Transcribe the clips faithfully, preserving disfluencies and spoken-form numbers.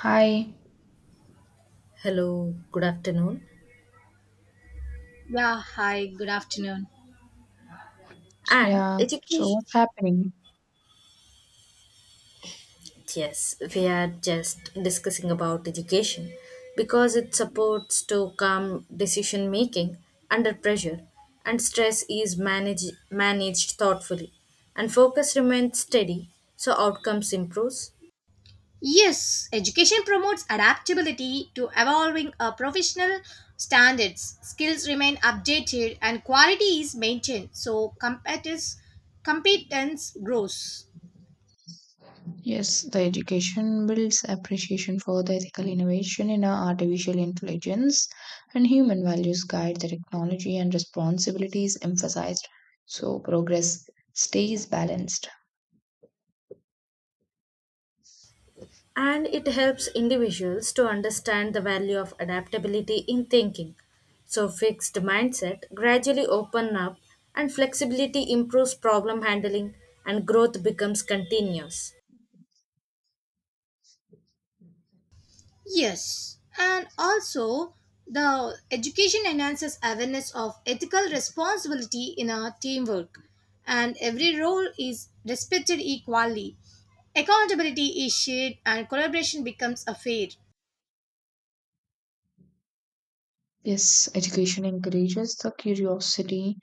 Hi. Hello, good afternoon. Yeah, hi, good afternoon. And Yeah. So education, what's happening? yes, we are just discussing about education because it supports to calm decision making under pressure and stress is managed managed thoughtfully and focus remains steady so outcomes improves Yes, education promotes adaptability to evolving uh, professional standards. Skills remain updated and quality is maintained, so competence, competence grows. Yes, the education builds appreciation for the ethical innovation in our artificial intelligence and human values guide the technology and responsibility is emphasized. So progress stays balanced. and it helps individuals to understand the value of adaptability in thinking. So, fixed mindset gradually open up, and flexibility improves problem handling, and growth becomes continuous. Yes, and also the education enhances awareness of ethical responsibility in our teamwork, and every role is respected equally. Accountability is shared and collaboration becomes a fair. Yes, education encourages the curiosity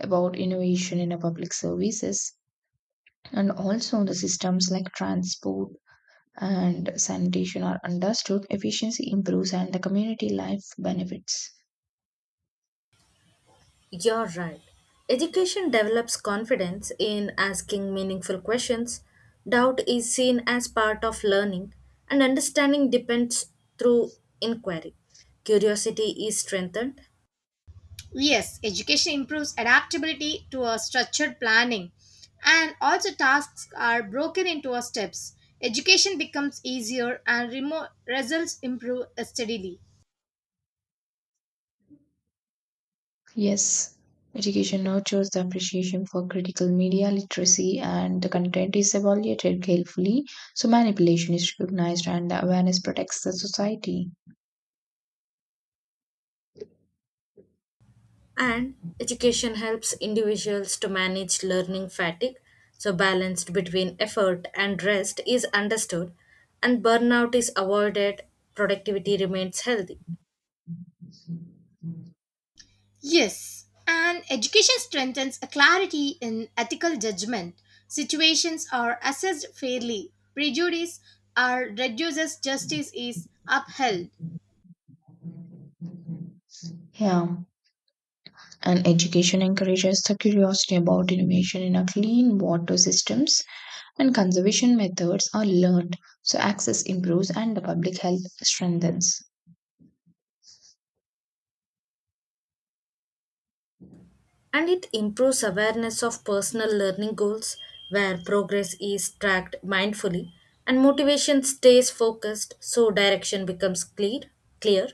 about innovation in our public services and also the systems like transport, and sanitation are understood, efficiency improves and the community life benefits. You're right. Education develops confidence in asking meaningful questions. Doubt is seen as part of learning, and understanding depends through inquiry. Curiosity is strengthened. Yes, education improves adaptability to a structured planning, and also tasks are broken into a steps. Education becomes easier and remo- results improve steadily. Yes, education nurtures the appreciation for critical media literacy and the content is evaluated carefully, so manipulation is recognized and the awareness protects the society. And education helps individuals to manage learning fatigue, so balanced between effort and rest is understood, and burnout is avoided, productivity remains healthy. Yes, and education strengthens a clarity in ethical judgment. Situations are assessed fairly, prejudice are reduces, justice is upheld. Yeah, and education encourages the curiosity about innovation in a clean water systems and conservation methods are learned so access improves and the public health strengthens. And it improves awareness of personal learning goals where progress is tracked mindfully and motivation stays focused so direction becomes clear clear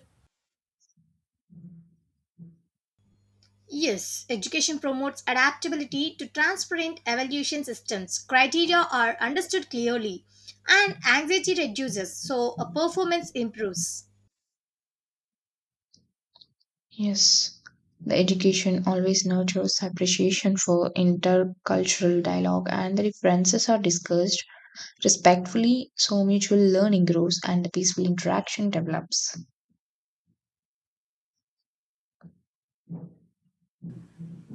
Yes, education promotes adaptability to transparent evaluation systems. Criteria are understood clearly, and anxiety reduces, so a performance improves. Yes, the education always nurtures appreciation for intercultural dialogue and the differences are discussed respectfully so mutual learning grows and the peaceful interaction develops.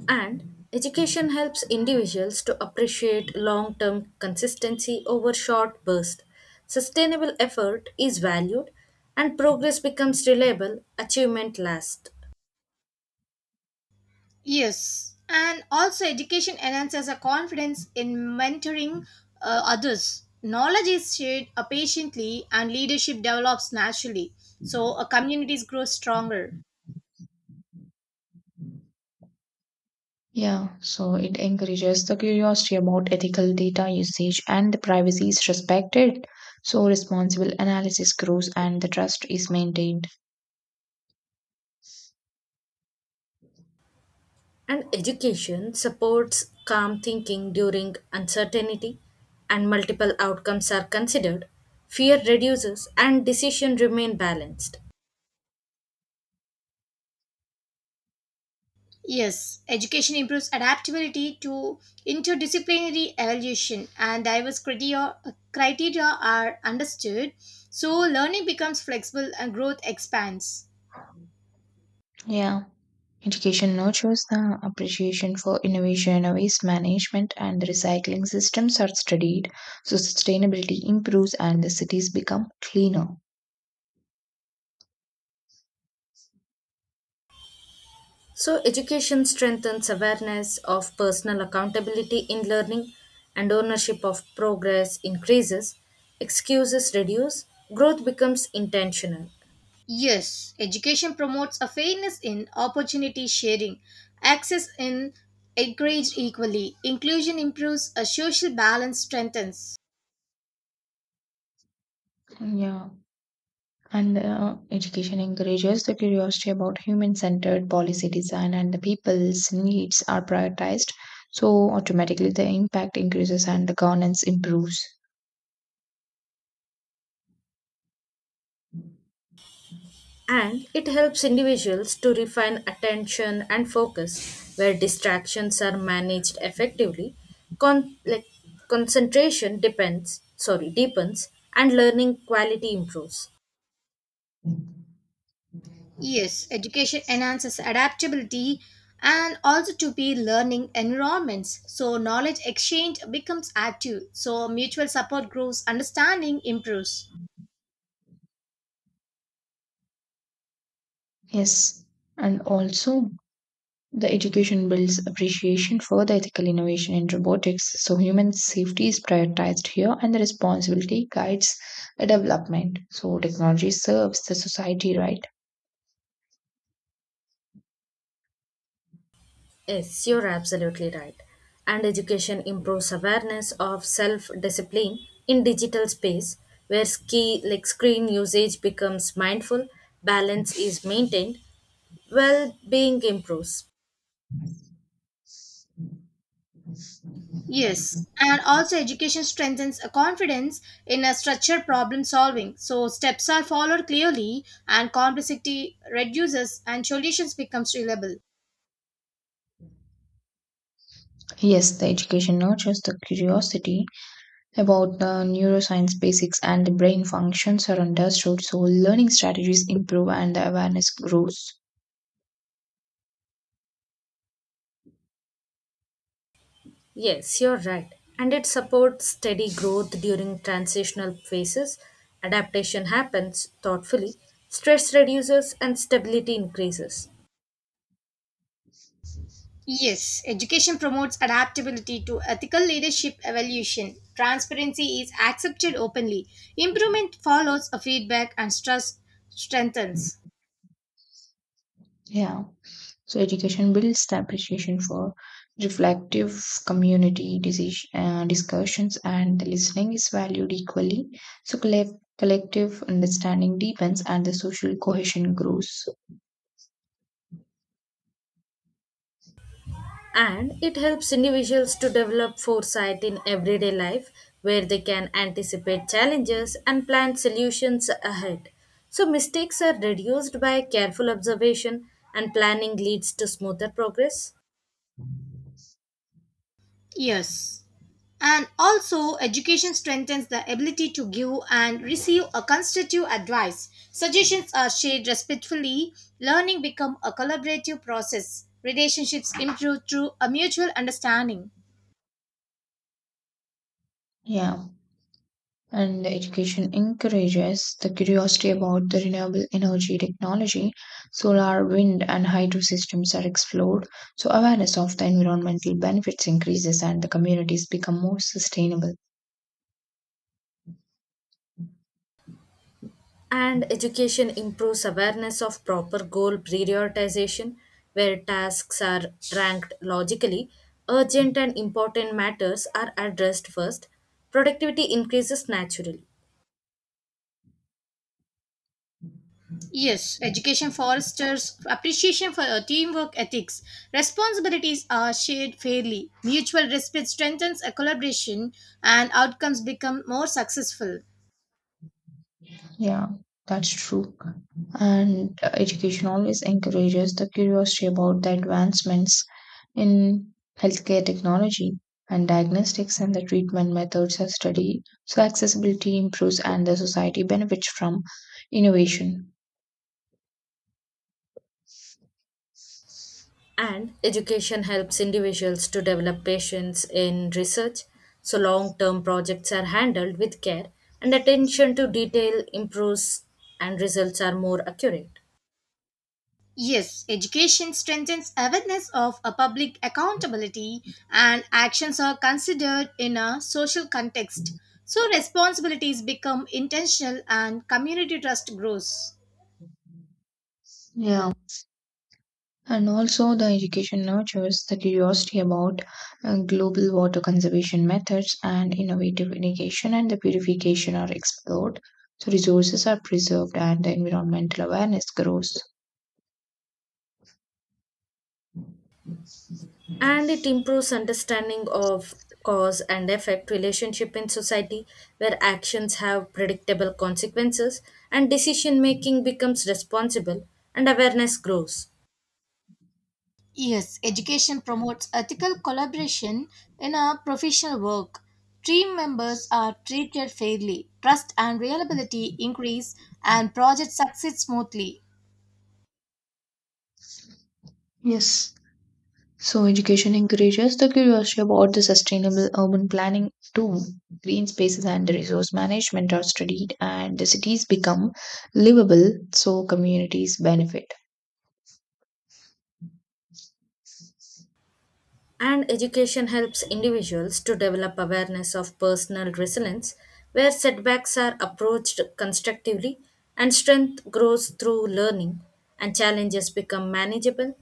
And education helps individuals to appreciate long term consistency over short bursts. Sustainable effort is valued, and progress becomes reliable, achievement lasts. Yes, and also education enhances a confidence in mentoring uh, others. Knowledge is shared uh, patiently, and leadership develops naturally, so a communities grow stronger. Yeah, so it encourages the curiosity about ethical data usage and the privacy is respected. So responsible analysis grows and the trust is maintained. And education supports calm thinking during uncertainty, and multiple outcomes are considered. Fear reduces, and decisions remain balanced. Yes, education improves adaptability to interdisciplinary evaluation and diverse criteria, criteria are understood, so learning becomes flexible and growth expands. Yeah. Education nurtures the appreciation for innovation, waste management, and the recycling systems are studied, so sustainability improves and the cities become cleaner. So, education strengthens awareness of personal accountability in learning and ownership of progress increases, excuses reduce, growth becomes intentional, Yes, education promotes a fairness in opportunity sharing, access in encouraged equally, inclusion improves, a social balance strengthens. Yeah, and uh, education encourages the curiosity about human centered policy design, and the people's needs are prioritized, so automatically the impact increases and the governance improves. and it helps individuals to refine attention and focus where distractions are managed effectively. Con- like, Concentration depends, sorry, deepens, and learning quality improves. Yes, education enhances adaptability and also to be learning environments. So knowledge exchange becomes active. So mutual support grows, understanding improves. Yes, and also the education builds appreciation for the ethical innovation in robotics, so human safety is prioritized here and the responsibility guides the development. So technology serves the society right. Yes, you're absolutely right. And education improves awareness of self-discipline in digital space where ski like screen usage becomes mindful, balance is maintained, well-being improves. Yes, and also education strengthens a confidence in a structured problem solving. So steps are followed clearly and complexity reduces and solutions becomes reliable. Yes, the education nurtures the curiosity about the neuroscience basics and the brain functions are understood, so learning strategies improve and the awareness grows. Yes, you're right. And it supports steady growth during transitional phases. Adaptation happens thoughtfully, stress reduces and stability increases. Yes, education promotes adaptability to ethical leadership evolution. Transparency is accepted openly. Improvement follows a feedback and trust strengthens. Yeah. So education builds the appreciation for reflective community dis- uh, discussions and the listening is valued equally. So colle- collective understanding deepens and the social cohesion grows. And it helps individuals to develop foresight in everyday life where they can anticipate challenges and plan solutions ahead. So, mistakes are reduced by careful observation, and planning leads to smoother progress. Yes. And also, education strengthens the ability to give and receive a constructive advice. Suggestions are shared respectfully. Learning becomes a collaborative process. Relationships improve through a mutual understanding. Yeah, and the education encourages the curiosity about the renewable energy technology. Solar, wind, and hydro systems are explored, so awareness of the environmental benefits increases and the communities become more sustainable. And education improves awareness of proper goal prioritization, where tasks are ranked logically, urgent and important matters are addressed first, productivity increases naturally. Yes, education fosters appreciation for uh, teamwork ethics. Responsibilities are shared fairly. Mutual respect strengthens a collaboration and outcomes become more successful. Yeah, that's true. And uh, education always encourages the curiosity about the advancements in healthcare technology and diagnostics and the treatment methods are studied. So accessibility improves and the society benefits from innovation. And education helps individuals to develop patience in research, so long term projects are handled with care, and attention to detail improves, and results are more accurate. Yes, education strengthens awareness of a public accountability and actions are considered in a social context. So responsibilities become intentional and community trust grows. Yeah. And also, the education nurtures the curiosity about uh, global water conservation methods and innovative irrigation and the purification are explored. So, resources are preserved and the environmental awareness grows. And it improves understanding of cause and effect relationship in society where actions have predictable consequences and decision making becomes responsible and awareness grows. Yes, education promotes ethical collaboration in our professional work. Team members are treated fairly, trust and reliability increase, and projects succeed smoothly. Yes. So, education encourages the curiosity about the sustainable urban planning too. Green spaces and the resource management are studied, and the cities become livable, so communities benefit. And education helps individuals to develop awareness of personal resilience, where setbacks are approached constructively and strength grows through learning and challenges become manageable.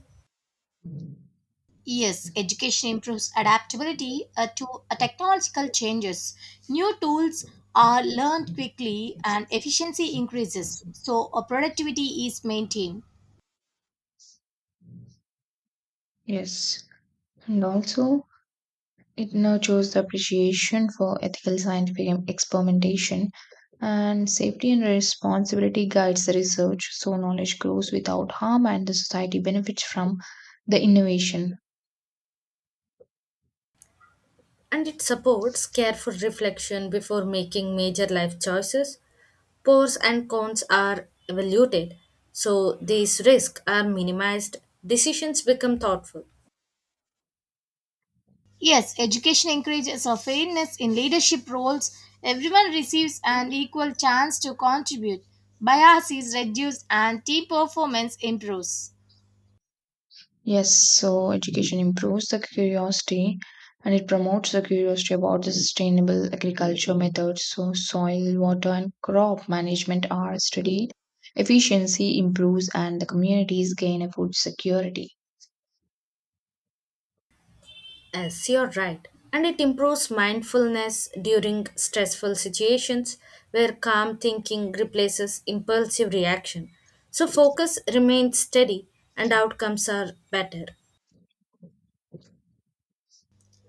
Yes, education improves adaptability uh, to uh, technological changes. New tools are learned quickly and efficiency increases, so uh, productivity is maintained. Yes. And also, it nurtures the appreciation for ethical scientific em- experimentation, and safety and responsibility guides the research, so knowledge grows without harm and the society benefits from the innovation. And it supports careful reflection before making major life choices. Pros and cons are evaluated, so these risks are minimized, decisions become thoughtful. Yes, education encourages a fairness in leadership roles. Everyone receives an equal chance to contribute. Bias is reduced and team performance improves. Yes, so education improves the curiosity and it promotes the curiosity about the sustainable agriculture methods, so soil, water, and crop management are studied. Efficiency improves, and the communities gain a food security. Yes, you're right. And it improves mindfulness during stressful situations where calm thinking replaces impulsive reaction. So focus remains steady and outcomes are better.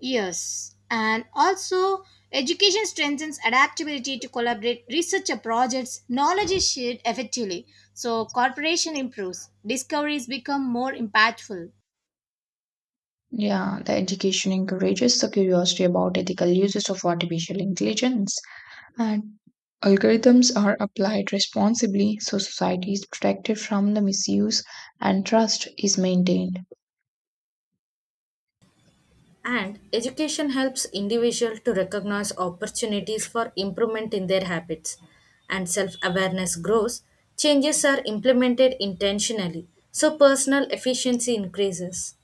Yes, and also education strengthens adaptability to collaborate research projects. Knowledge is shared effectively, so cooperation improves. Discoveries become more impactful. Yeah, the education encourages the curiosity about ethical uses of artificial intelligence, and algorithms are applied responsibly so society is protected from the misuse and trust is maintained. And education helps individual to recognize opportunities for improvement in their habits. And self-awareness grows, changes are implemented intentionally, so personal efficiency increases.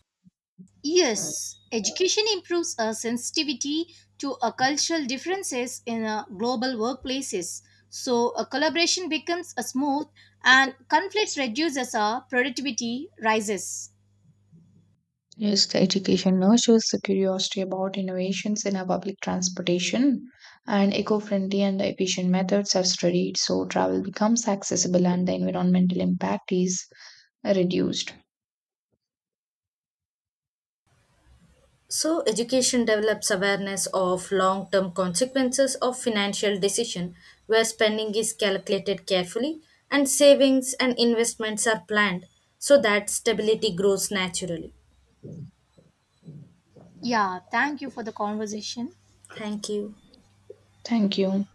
Yes, education improves our sensitivity to a cultural differences in a global workplaces. So a collaboration becomes a smooth and conflicts reduces our productivity rises. Yes, the education nurtures the curiosity about innovations in our public transportation, and eco friendly and efficient methods are studied so travel becomes accessible and the environmental impact is reduced. So, education develops awareness of long term consequences of financial decision where spending is calculated carefully and savings and investments are planned so that stability grows naturally. Yeah, thank you for the conversation. Thank you. Thank you.